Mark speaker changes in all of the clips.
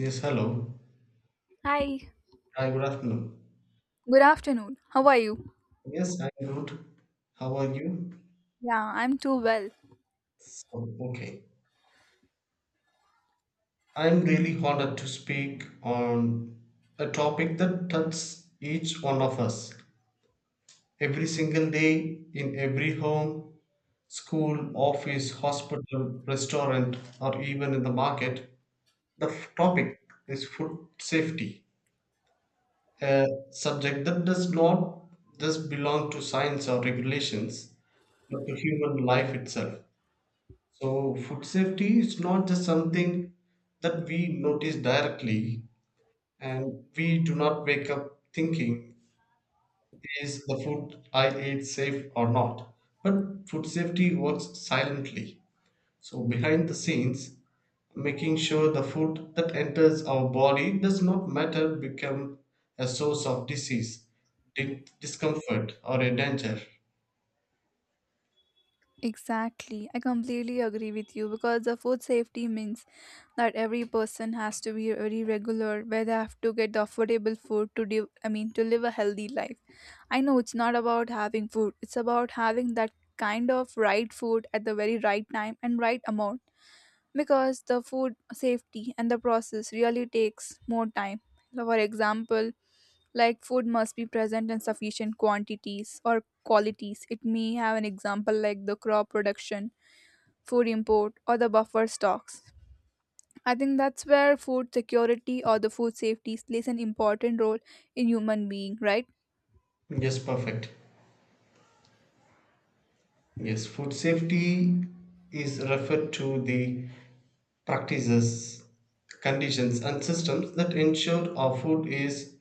Speaker 1: Yes, hello.
Speaker 2: Hi,
Speaker 1: Hi, good afternoon.
Speaker 2: good afternoon. How are you?
Speaker 1: Yes, I'm good. How are you?
Speaker 2: Yeah, I'm too well.
Speaker 1: So, okay. I'm really honored to speak on a topic that touches each one of us every single day in every home, school, office, hospital, restaurant, or even in the market. The topic is food safety, a subject that does not just belong to science or regulations, but to human life itself. So, food safety is not just something that we notice directly, and we do not wake up thinking, is the food I ate safe or not? But food safety works silently. So, behind the scenes, making sure the food that enters our body does not matter become a source of disease, discomfort, or a danger.
Speaker 2: Exactly. I completely agree with you because the food safety means that every person has to be very regular where they have to get the affordable food to do. I mean to live a healthy life. I know it's not about having food. It's about having that kind of right food at the very right time and right amount because the food safety and the process really takes more time. For example, like food must be present in sufficient quantities or qualities, it may have an example like the crop production, food import, or the buffer stocks. I think that's where food security or the food safety plays an important role in human being, right?
Speaker 1: Yes, perfect. Yes, food safety is referred to the practices, conditions, and systems that ensure our food is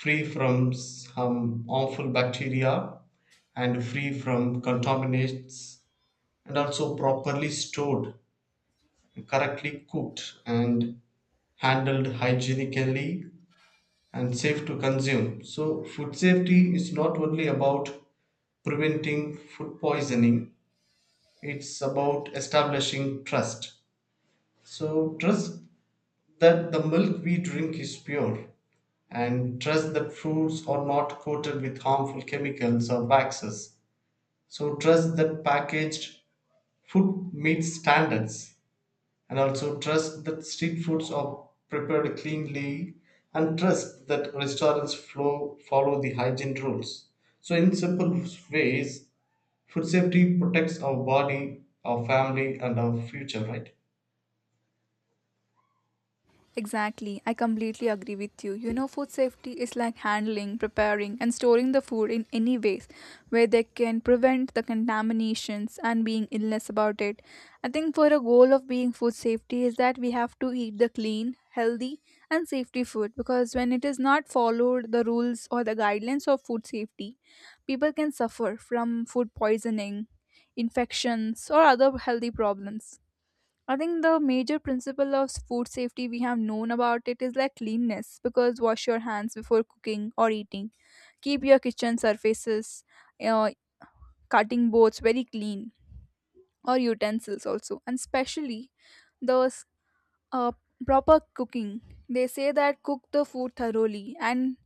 Speaker 1: free from some harmful bacteria and free from contaminants, and also properly stored, correctly cooked, and handled hygienically and safe to consume. So, food safety is not only about preventing food poisoning, it's about establishing trust. So, trust that the milk we drink is pure, and trust that fruits are not coated with harmful chemicals or waxes. So, trust that packaged food meets standards, and also trust that street foods are prepared cleanly, and trust that restaurants follow the hygiene rules. So, in simple ways, food safety protects our body, our family, and our future, right?
Speaker 2: Exactly, I completely agree with you. You know, food safety is like handling, preparing, and storing the food in any ways where they can prevent the contaminations and being illness about it. I think for a goal of being food safety is that we have to eat the clean, healthy, and safety food, because when it is not followed, the rules or the guidelines of food safety, people can suffer from food poisoning, infections, or other healthy problems. I think the major principle of food safety we have known about it is like cleanness, because wash your hands before cooking or eating. Keep your kitchen surfaces, uh, cutting boards very clean, or utensils also, and especially those uh, proper cooking. They say that cook the food thoroughly, and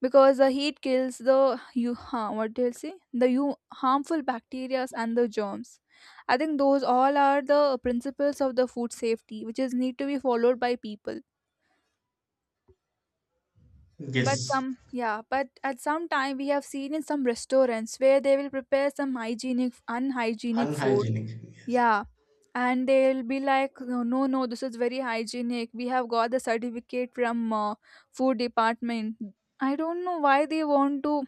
Speaker 2: because the heat kills the you huh, what do you say, the you harmful bacteria and the germs. I think those all are the principles of the food safety which is need to be followed by people, but
Speaker 1: Yes.
Speaker 2: some, yeah, but at some time we have seen in some restaurants where they will prepare some hygienic unhygienic food.
Speaker 1: Unhygienic, yes.
Speaker 2: Yeah, and they'll be like, no, no, no, this is very hygienic, we have got the certificate from food department. I don't know why they want to.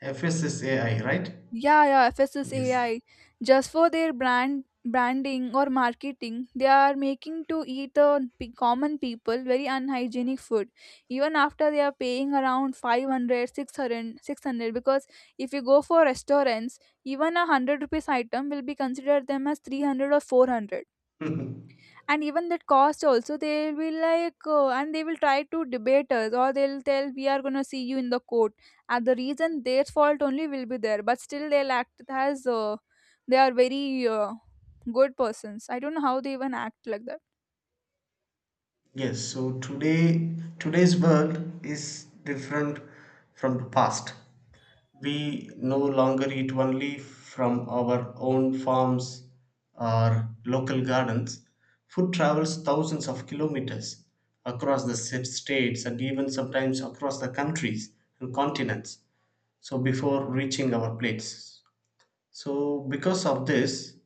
Speaker 1: FSSAI, right?
Speaker 2: Yeah, yeah,
Speaker 1: Yes.
Speaker 2: FSSAI. Just for their branding or marketing, they are making to eat the common people very unhygienic food. Even after they are paying around 500, 600, 600. Because if you go for restaurants, even a 100 rupees item will be considered them as 300 or 400, and even that cost also they will like, and they will try to debate us or they'll tell we are going to see you in the court, and the reason their fault only will be there, but still they'll act as they are very good persons. I don't know how they even act like that.
Speaker 1: yes. So today's world is different from the past. We no longer eat only from our own farms or local gardens. Food travels thousands of kilometers across the states and even sometimes across the countries and continents. So before reaching our plates. So because of this,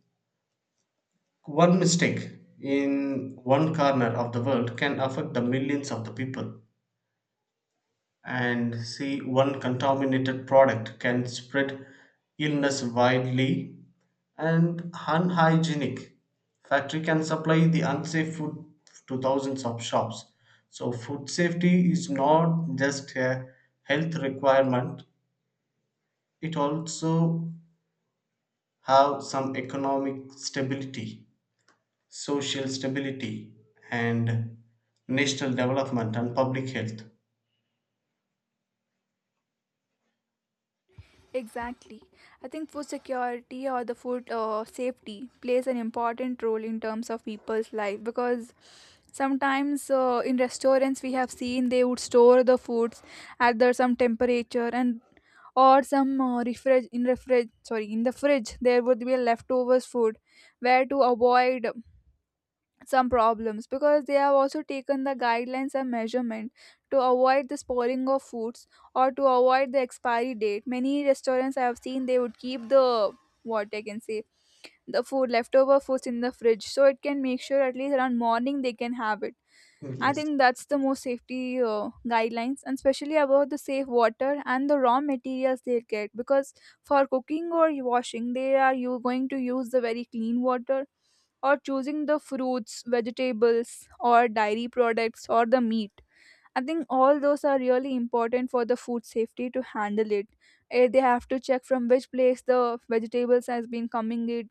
Speaker 1: one mistake in one corner of the world can affect the millions of the people. And see, one contaminated product can spread illness widely, and unhygienic factory can supply the unsafe food to thousands of shops. So, food safety is not just a health requirement; it also have some economic stability, social stability, and national development and public health.
Speaker 2: Exactly. I think food security or the food safety plays an important role in terms of people's life, because sometimes in restaurants we have seen they would store the foods at the some temperature, and or some refrig in refrig sorry, in the fridge there would be leftovers food, where to avoid some problems, because they have also taken the guidelines and measurement to avoid the spoiling of foods or to avoid the expiry date. Many restaurants I have seen they would keep the, what I can say, the food leftover foods in the fridge, so it can make sure at least around morning they can have it. I
Speaker 1: Yes,
Speaker 2: think that's the most safety guidelines, and especially about the safe water and the raw materials they get. Because for cooking or washing, they are you going to use the very clean water, or choosing the fruits, vegetables, or dairy products, or the meat. I think all those are really important for the food safety to handle it. Eh, they have to check from which place the vegetables has been coming in.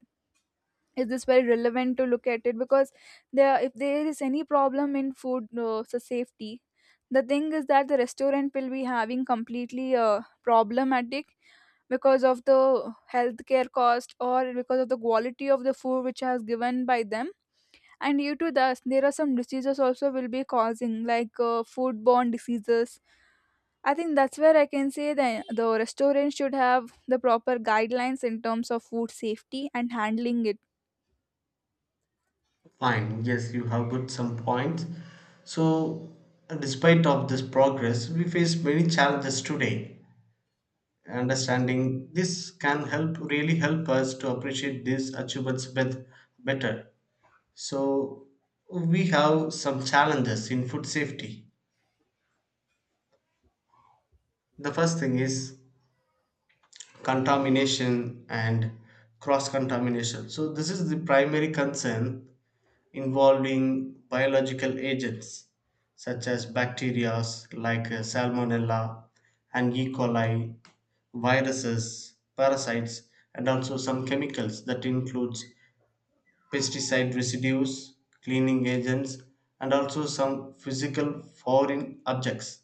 Speaker 2: Is this very relevant to look at it, because there, if there is any problem in food so safety, the thing is that the restaurant will be having completely problematic, because of the healthcare cost or because of the quality of the food which has given by them. And due to that, there are some diseases also will be causing, like foodborne diseases. I think that's where I can say that the restaurant should have the proper guidelines in terms of food safety and handling it.
Speaker 1: fine. Yes, you have good some points. So, despite of this progress, we face many challenges today. Understanding this can help really help us to appreciate these achievements better. So, we have some challenges in food safety. The first thing is contamination and cross contamination. So, this is the primary concern involving biological agents such as bacteria like Salmonella and E. coli, viruses, parasites, and also some chemicals that includes pesticide residues, cleaning agents, and also some physical foreign objects.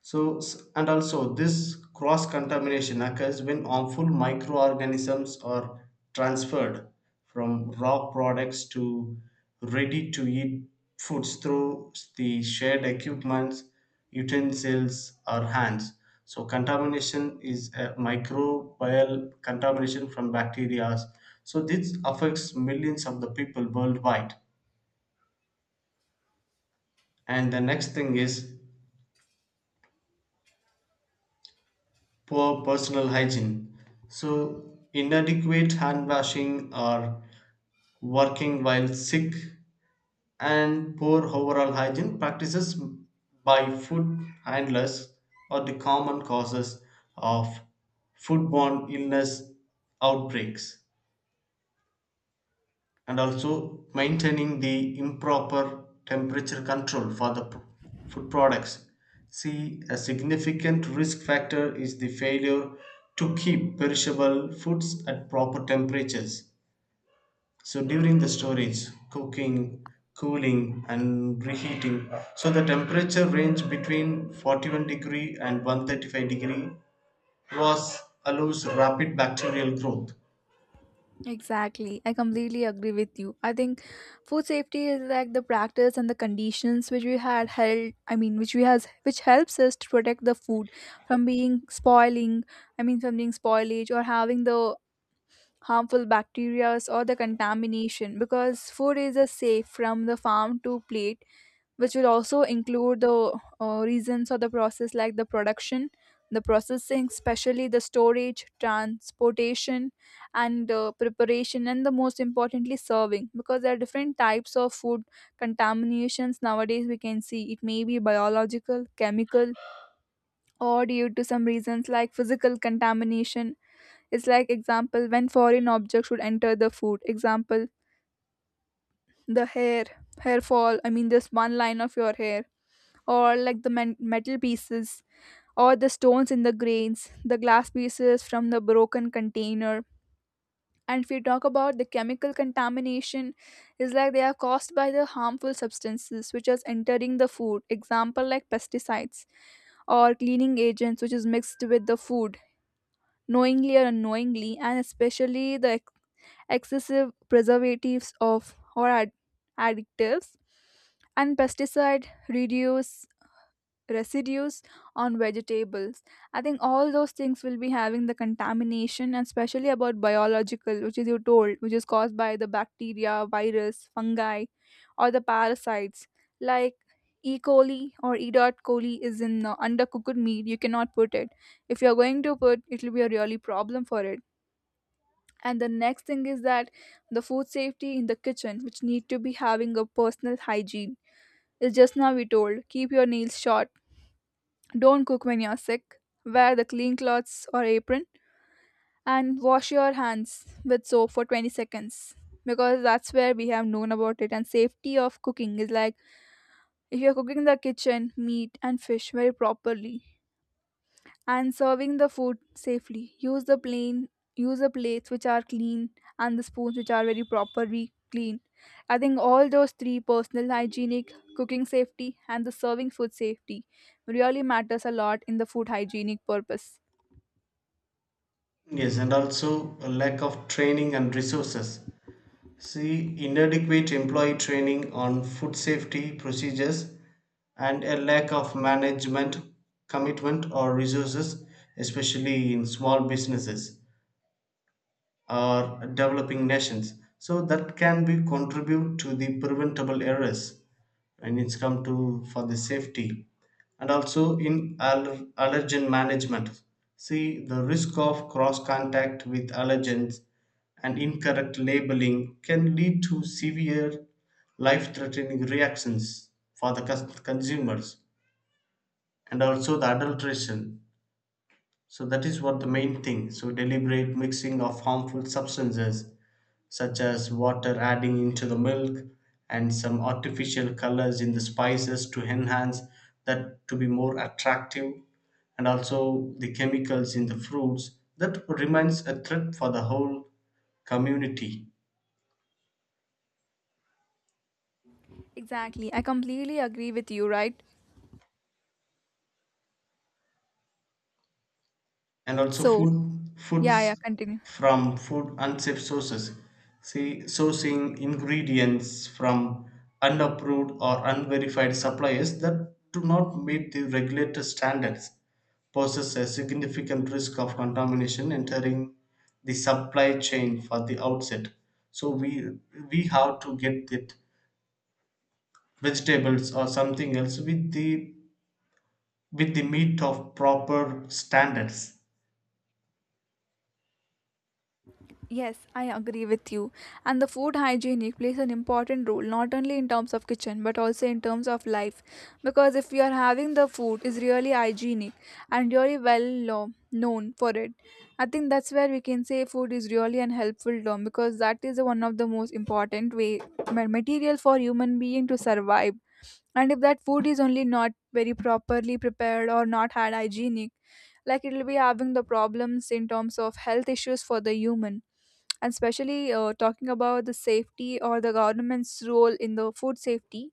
Speaker 1: So, and also this cross contamination occurs when harmful microorganisms are transferred from raw products to ready to eat foods through the shared equipment, utensils, or hands. So, contamination is a microbial contamination from bacteria. So, this affects millions of the people worldwide. And the next thing is poor personal hygiene. So, inadequate hand washing or working while sick, and poor overall hygiene practices by food handlers are the common causes of foodborne illness outbreaks, and also maintaining the improper temperature control for the food products. See, a significant risk factor is the failure to keep perishable foods at proper temperatures. So, during the storage, cooking, cooling, and reheating, so the temperature range between 41 degree and 135 degree was allows rapid bacterial growth.
Speaker 2: Exactly. I completely agree with you. I think food safety is like the practice and the conditions which we had held, I mean which we has, which helps us to protect the food from being spoiling, I mean from being spoilage, or having the harmful bacteria or the contamination, because food is a safe from the farm to plate, which will also include the reasons of the process like the production, the processing, especially the storage, transportation, and preparation, and the most importantly serving. Because there are different types of food contaminations nowadays we can see, it may be biological, chemical, or due to some reasons like physical contamination. It's like example when foreign objects would enter the food. Example, the hair fall, I mean this one line of your hair, or like the metal pieces, or the stones in the grains, the glass pieces from the broken container. And if we talk about the chemical contamination, is like they are caused by the harmful substances which is entering the food. Example like pesticides or cleaning agents which is mixed with the food knowingly or unknowingly, and especially the excessive preservatives of or additives, and pesticide reduce residues on vegetables. I think all those things will be having the contamination, and especially about biological which is you told, which is caused by the bacteria, virus, fungi, or the parasites, like E. coli or E. dot coli is in undercooked meat, you cannot put it. If you're going to put it, will be a really problem for it. And the next thing is that the food safety in the kitchen, which need to be having a personal hygiene, is just now we told, keep your nails short, don't cook when you're sick. Wear the clean clothes or apron, and wash your hands with soap for 20 seconds, because that's where we have known about it. And safety of cooking is like, if you're cooking the kitchen meat and fish very properly, and serving the food safely, use the plates which are clean, and the spoons which are very properly clean. I think all those three, personal hygienic, cooking safety, and the serving food safety, really matters a lot in the food hygienic purpose.
Speaker 1: Yes, and also a lack of training and resources. C. Inadequate employee training on food safety procedures and a lack of management commitment or resources, especially in small businesses or developing nations. So, that can be contribute to the preventable errors. When it's come to for the safety, and also in allergen management, see the risk of cross contact with allergens and incorrect labeling can lead to severe life threatening reactions for the consumers, and also the adulteration, so that is what the main thing. So deliberate mixing of harmful substances such as water adding into the milk and some artificial colors in the spices to enhance that to be more attractive, and also the chemicals in the fruits that remains a threat for the whole community,
Speaker 2: Exactly. I completely agree with you, right?
Speaker 1: and also
Speaker 2: So, yeah, yeah,
Speaker 1: foods
Speaker 2: continue.
Speaker 1: from food unsafe sources, see sourcing ingredients from unapproved or unverified suppliers that do not meet the regulated standards poses a significant risk of contamination entering the supply chain for the outset. So we have to get it vegetables or something else with the meat of proper standards.
Speaker 2: Yes, I agree with you. And the food hygienic plays an important role not only in terms of kitchen but also in terms of life. Because if you are having the food is really hygienic and really well known for it, I think that's where we can say food is really an helpful term, because that is one of the most important way material for human being to survive. And if that food is only not very properly prepared or not had hygienic, like it will be having the problems in terms of health issues for the human. And especially talking about the safety or the government's role in the food safety,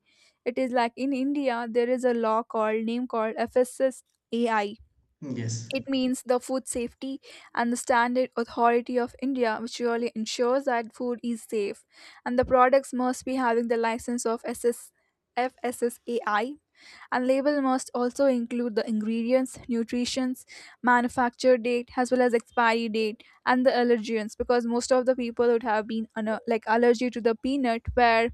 Speaker 2: it is like in India there is a law called, name called, FSSAI.
Speaker 1: Yes,
Speaker 2: It means the Food Safety and the Standard Authority of India, which really ensures that food is safe, and the products must be having the license of ss FSSAI, and label must also include the ingredients, nutritions, manufacture date as well as expiry date, and the allergens. Because most of the people would have been an, like, allergy to the peanut, where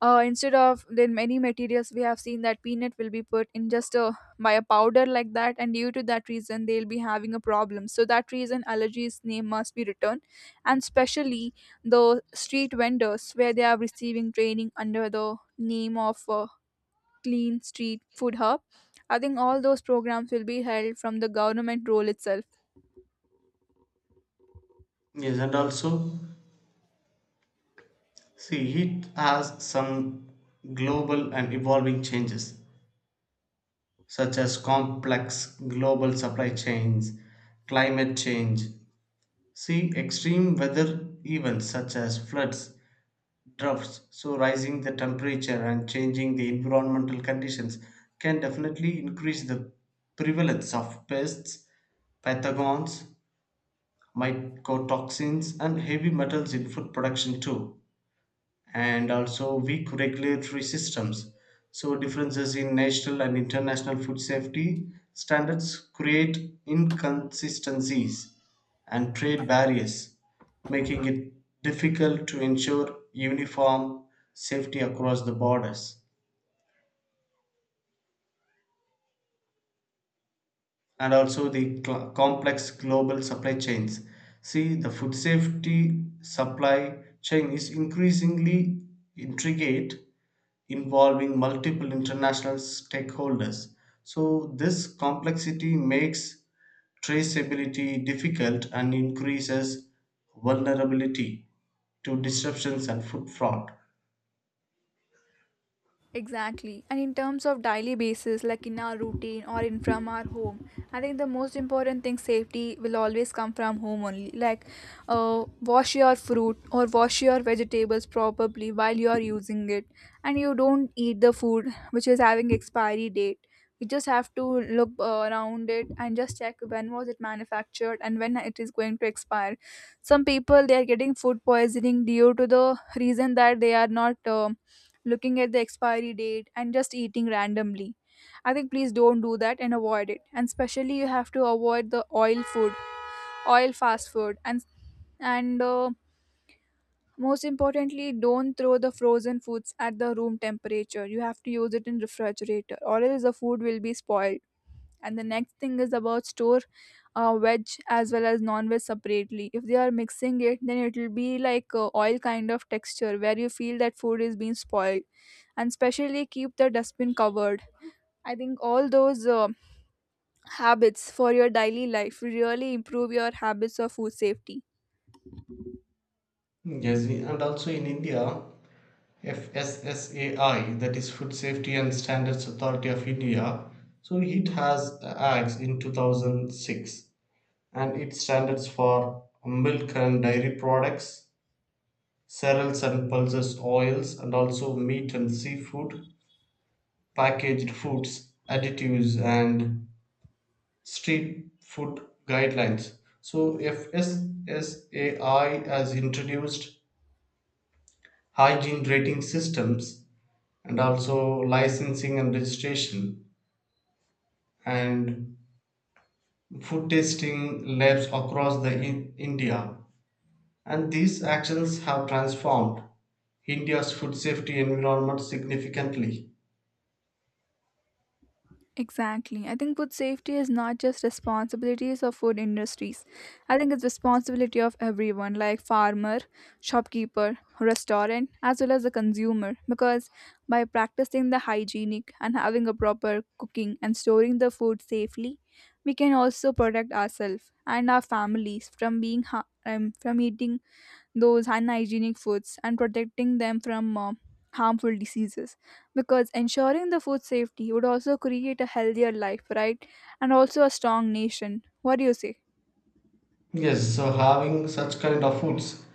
Speaker 2: instead of then many materials we have seen that peanut will be put in just a by a powder like that, and due to that reason they'll be having a problem, so that reason allergies name must be returned. And specially, the street vendors where they are receiving training under the name of clean street food hub. I think all those programs will be held from the government role itself.
Speaker 1: yes, and also, see, it has some global and evolving changes, such as complex global supply chains, climate change. See, extreme weather events such as floods, droughts, so rising the temperature and changing the environmental conditions can definitely increase the prevalence of pests, pathogens, mycotoxins, and heavy metals in food production too, and also weak regulatory systems. So, differences in national and international food safety standards create inconsistencies and trade barriers, making it difficult to ensure uniform safety across the borders, and also the complex global supply chains. See, the food safety supply chain is increasingly intricate, involving multiple international stakeholders. So, this complexity makes traceability difficult and increases vulnerability to disruptions and food fraud.
Speaker 2: Exactly. And in terms of daily basis, like in our routine or in from our home, I think the most important thing safety will always come from home only. Like, wash your fruit or wash your vegetables probably while you are using it, and you don't eat the food which is having expiry date. You just have to look around it, and just check when was it manufactured and when it is going to expire. Some people they are getting food poisoning due to the reason that they are not. Looking at the expiry date, and just eating randomly. I think please don't do that and avoid it. And especially you have to avoid the oil fast food, and, most importantly, don't throw the frozen foods at the room temperature. You have to use it in refrigerator, or else the food will be spoiled. And the next thing is about store veg as well as non-veg separately. If they are mixing it, then it will be like oil kind of texture where you feel that food is being spoiled. And specially keep the dustbin covered. I think all those habits for your daily life really improve your habits of food safety.
Speaker 1: Yes, and also in India, FSSAI, that is Food Safety and Standards Authority of India, so it has acts in 2006, and it standards for milk and dairy products, cereals and pulses, oils, and also meat and seafood, packaged foods, additives, and street food guidelines. So, FSSAI has introduced hygiene rating systems and also licensing and registration and food tasting labs across the India. And these actions have transformed India's food safety environment significantly.
Speaker 2: Exactly. I think food safety is not just responsibilities of food industries. I think it's responsibility of everyone, like farmer, shopkeeper, restaurant, as well as the consumer. Because by practicing the hygienic and having a proper cooking and storing the food safely, we can also protect ourselves and our families from eating those unhygienic foods and protecting them from harmful diseases, because ensuring the food safety would also create a healthier life, right? And also a strong nation. What do you say?
Speaker 1: Yes, so having such kind of foods,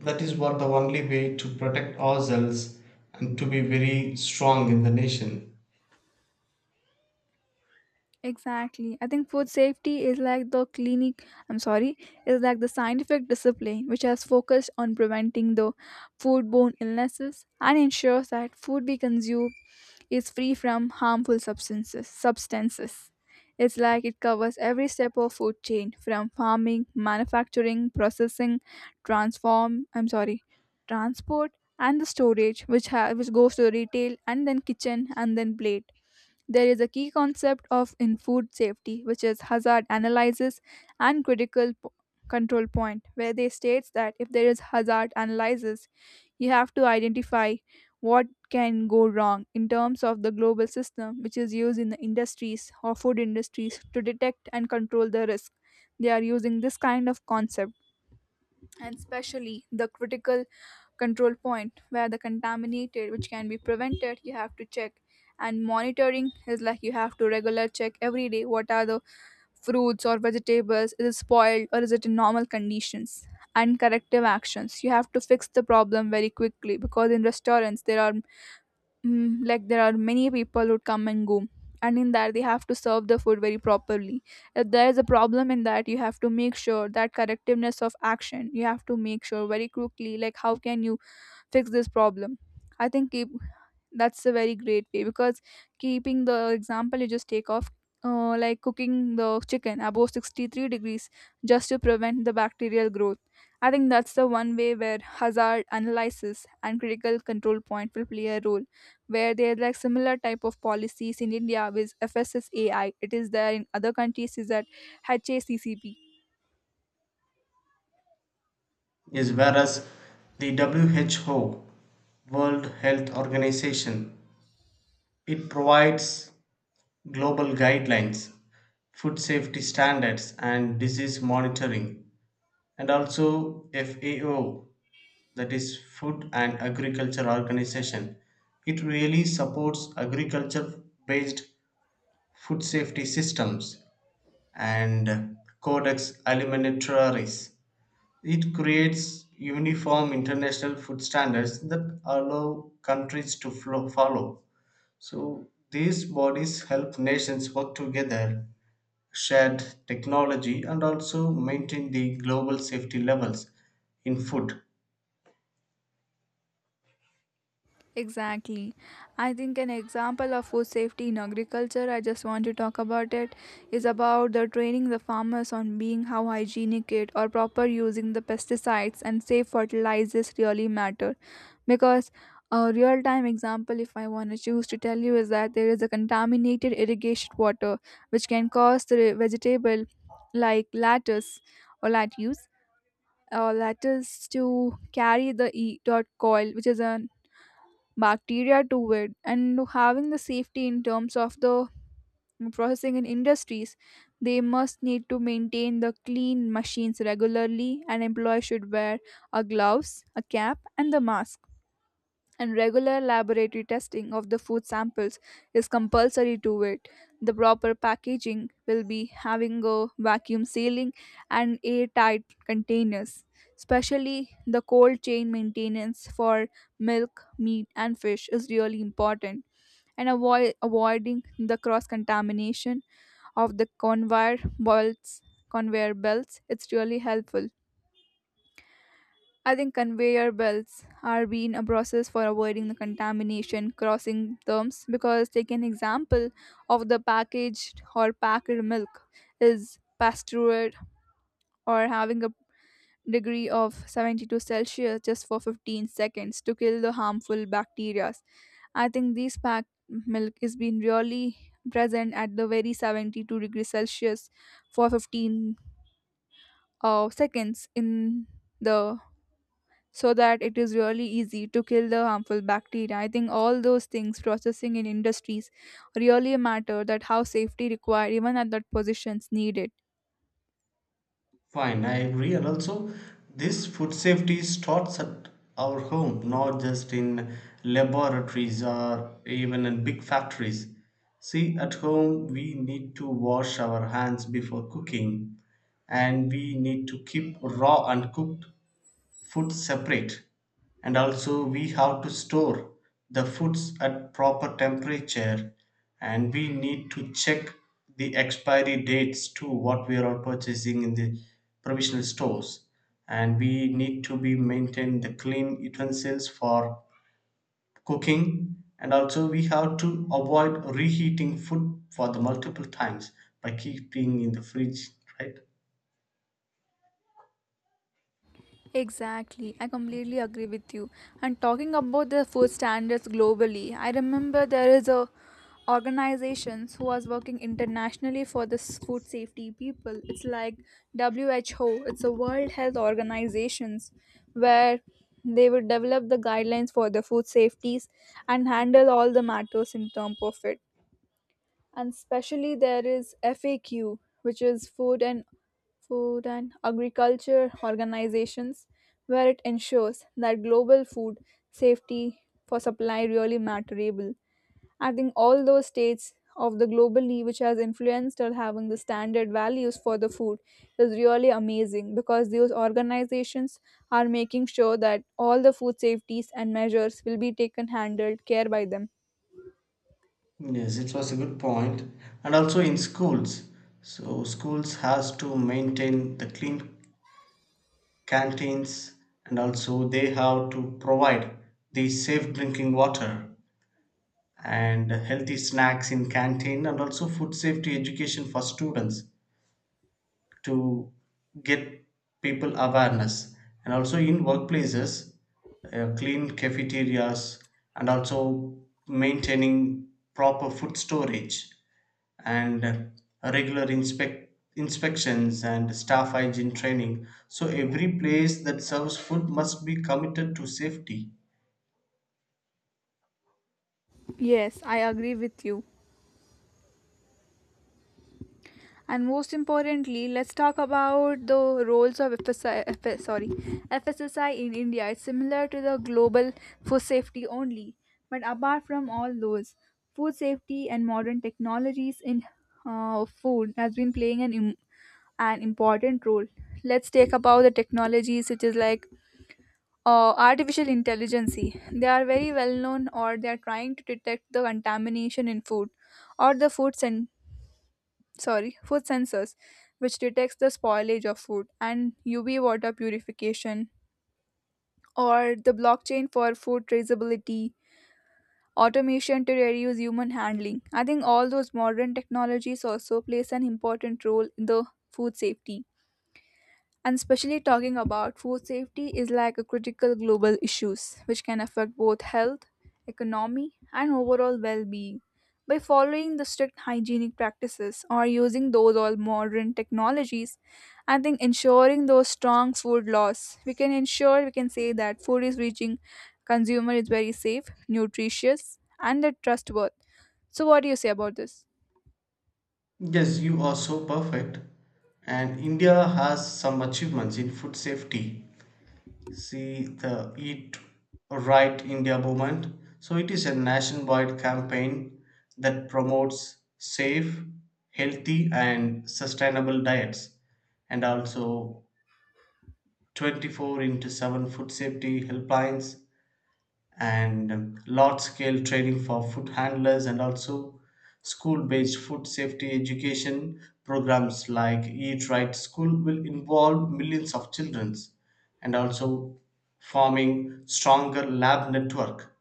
Speaker 1: that is what the only way to protect ourselves and to be very strong in the nation.
Speaker 2: Exactly. I think food safety is like the scientific discipline which has focused on preventing the foodborne illnesses and ensures that food we consume is free from harmful substances. It's like it covers every step of food chain, from farming, manufacturing, processing, transform I'm sorry transport, and the storage, which goes to retail and then kitchen and then plate. There is a key concept of in food safety, which is hazard analysis and critical control point, where they states that if there is hazard analysis, you have to identify what can go wrong in terms of the global system which is used in the industries or food industries to detect and control the risk. They are using this kind of concept. And especially the critical control point, where the contaminated which can be prevented, you have to check. And monitoring is like you have to regular check every day what are the fruits or vegetables, is it spoiled or is it in normal conditions. And corrective actions, you have to fix the problem very quickly, because in restaurants like, there are many people who come and go, and in that they have to serve the food very properly. If there is a problem in that, you have to make sure that correctiveness of action, you have to make sure very quickly, like how can you fix this problem. I think keep that's a very great way, because keeping the example, you just take off, like cooking the chicken above 63 degrees, just to prevent the bacterial growth. I think that's the one way where hazard analysis and critical control point will play a role, where there are like similar type of policies in India with FSSAI. It is there in other countries, is that HACCP.
Speaker 1: Is whereas the WHO, World Health Organization, it provides global guidelines, food safety standards, and disease monitoring, and also FAO, that is Food and Agriculture Organization. It really supports agriculture based food safety systems and codex alimentarius. It creates uniform international food standards that allow countries to follow. So these bodies help nations work together, share technology, and also maintain the global safety levels in food.
Speaker 2: Exactly. I think an example of food safety in agriculture, I just want to talk about it, is about the training the farmers on being how hygienic it or proper using the pesticides and safe fertilizers really matter. Because a real time example, if I want to choose to tell you, is that there is a contaminated irrigation water which can cause the vegetable, like lettuce or lettuce or lettuce, to carry the e dot coil, which is a bacteria to it. And having the safety in terms of the processing in industries, they must need to maintain the clean machines regularly, and employees should wear a gloves, a cap, and the mask. And regular laboratory testing of the food samples is compulsory to it. The proper packaging will be having a vacuum sealing and airtight containers, especially the cold chain maintenance for milk, meat, and fish is really important. And avoiding the cross contamination of the conveyor belts, it's really helpful. I think conveyor belts are being a process for avoiding the contamination crossing terms, because take an example of the packaged or packed milk is pasteurized, or having a degree of 72 Celsius just for 15 seconds to kill the harmful bacteria. I think this packed milk is being really present at the very 72 degrees Celsius for 15 seconds in the so that it is really easy to kill the harmful bacteria. I think all those things processing in industries really matter that how safety required even at that positions needed.
Speaker 1: Fine, I agree. And also, this food safety starts at our home, not just in laboratories or even in big factories. See, at home, we need to wash our hands before cooking, and we need to keep raw and cooked food separate, and also we have to store the foods at proper temperature, and we need to check the expiry dates to what we are purchasing in the provisional stores, and we need to be maintain the clean utensils for cooking, and also we have to avoid reheating food for the multiple times by keeping in the fridge, right?
Speaker 2: Exactly, I completely agree with you. And talking about the food standards globally, I remember there is a organizations who was working internationally for this food safety people. It's like WHO, it's a World Health Organizations where they would develop the guidelines for the food safeties and handle all the matters in terms of it. And especially there is FAQ, which is food and agriculture organizations where it ensures that global food safety for supply really matterable. I think all those states of the globally which has influenced or having the standard values for the food is really amazing, because those organizations are making sure that all the food safeties and measures will be taken handled care by them.
Speaker 1: Yes, it was a good point. And also in schools. So schools has to maintain the clean canteens, and also they have to provide the safe drinking water and healthy snacks in canteen, and also food safety education for students to get people awareness. And also in workplaces, clean cafeterias and also maintaining proper food storage and regular inspections and staff hygiene training. So every place that serves food must be committed to safety.
Speaker 2: Yes, I agree with you. And most importantly, let's talk about the roles of FSI, sorry, FSSI in India. It's similar to the global food safety only, but apart from all those, food safety and modern technologies in food has been playing an important role. Let's take about the technologies which is like artificial intelligence. They are very well known, or they are trying to detect the contamination in food, or the food sensors which detects the spoilage of food, and UV water purification, or the blockchain for food traceability, automation to reduce human handling. I think all those modern technologies also plays an important role in the food safety. And especially talking about food safety is like a critical global issues which can affect both health, economy, and overall well-being. By following the strict hygienic practices or using those all modern technologies, I think ensuring those strong food laws, we can say that food is reaching consumer is very safe, nutritious, and trustworthy. So what do you say about this?
Speaker 1: Yes, you are so perfect. And India has some achievements in food safety. See the Eat Right India movement. So it is a nationwide campaign that promotes safe, healthy, and sustainable diets, and also 24 into 7 food safety helplines and large scale training for food handlers, and also school based food safety education programs like eat right school will involve millions of children, and also forming stronger lab network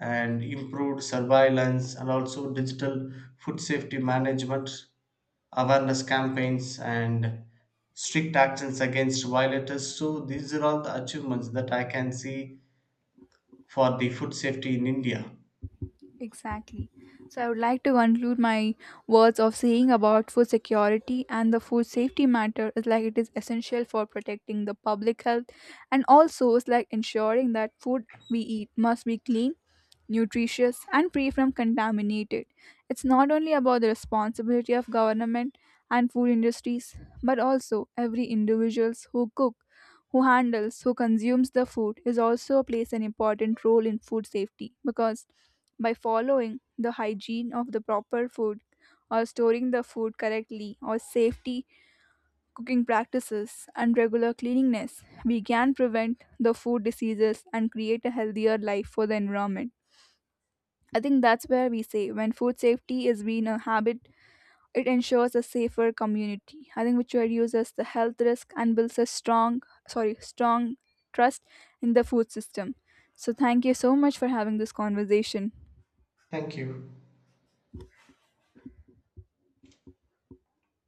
Speaker 1: and improved surveillance, and also digital food safety management awareness campaigns and strict actions against violators. So these are all the achievements that I can see for the food safety in India.
Speaker 2: Exactly. So I would like to conclude my words of saying about food security, and the food safety matter is like it is essential for protecting the public health, and also is like ensuring that food we eat must be clean, nutritious, and free from contaminated. It's not only about the responsibility of government and food industries, but also every individuals who cook, who handles, who consumes the food is also plays an important role in food safety, because by following the hygiene of the proper food or storing the food correctly or safety cooking practices and regular cleanliness, we can prevent the food diseases and create a healthier life for the environment. I think that's where we say when food safety is being a habit, it ensures a safer community. I think which reduces the health risk and builds a strong trust in the food system. So thank you so much for having this conversation.
Speaker 1: Thank you.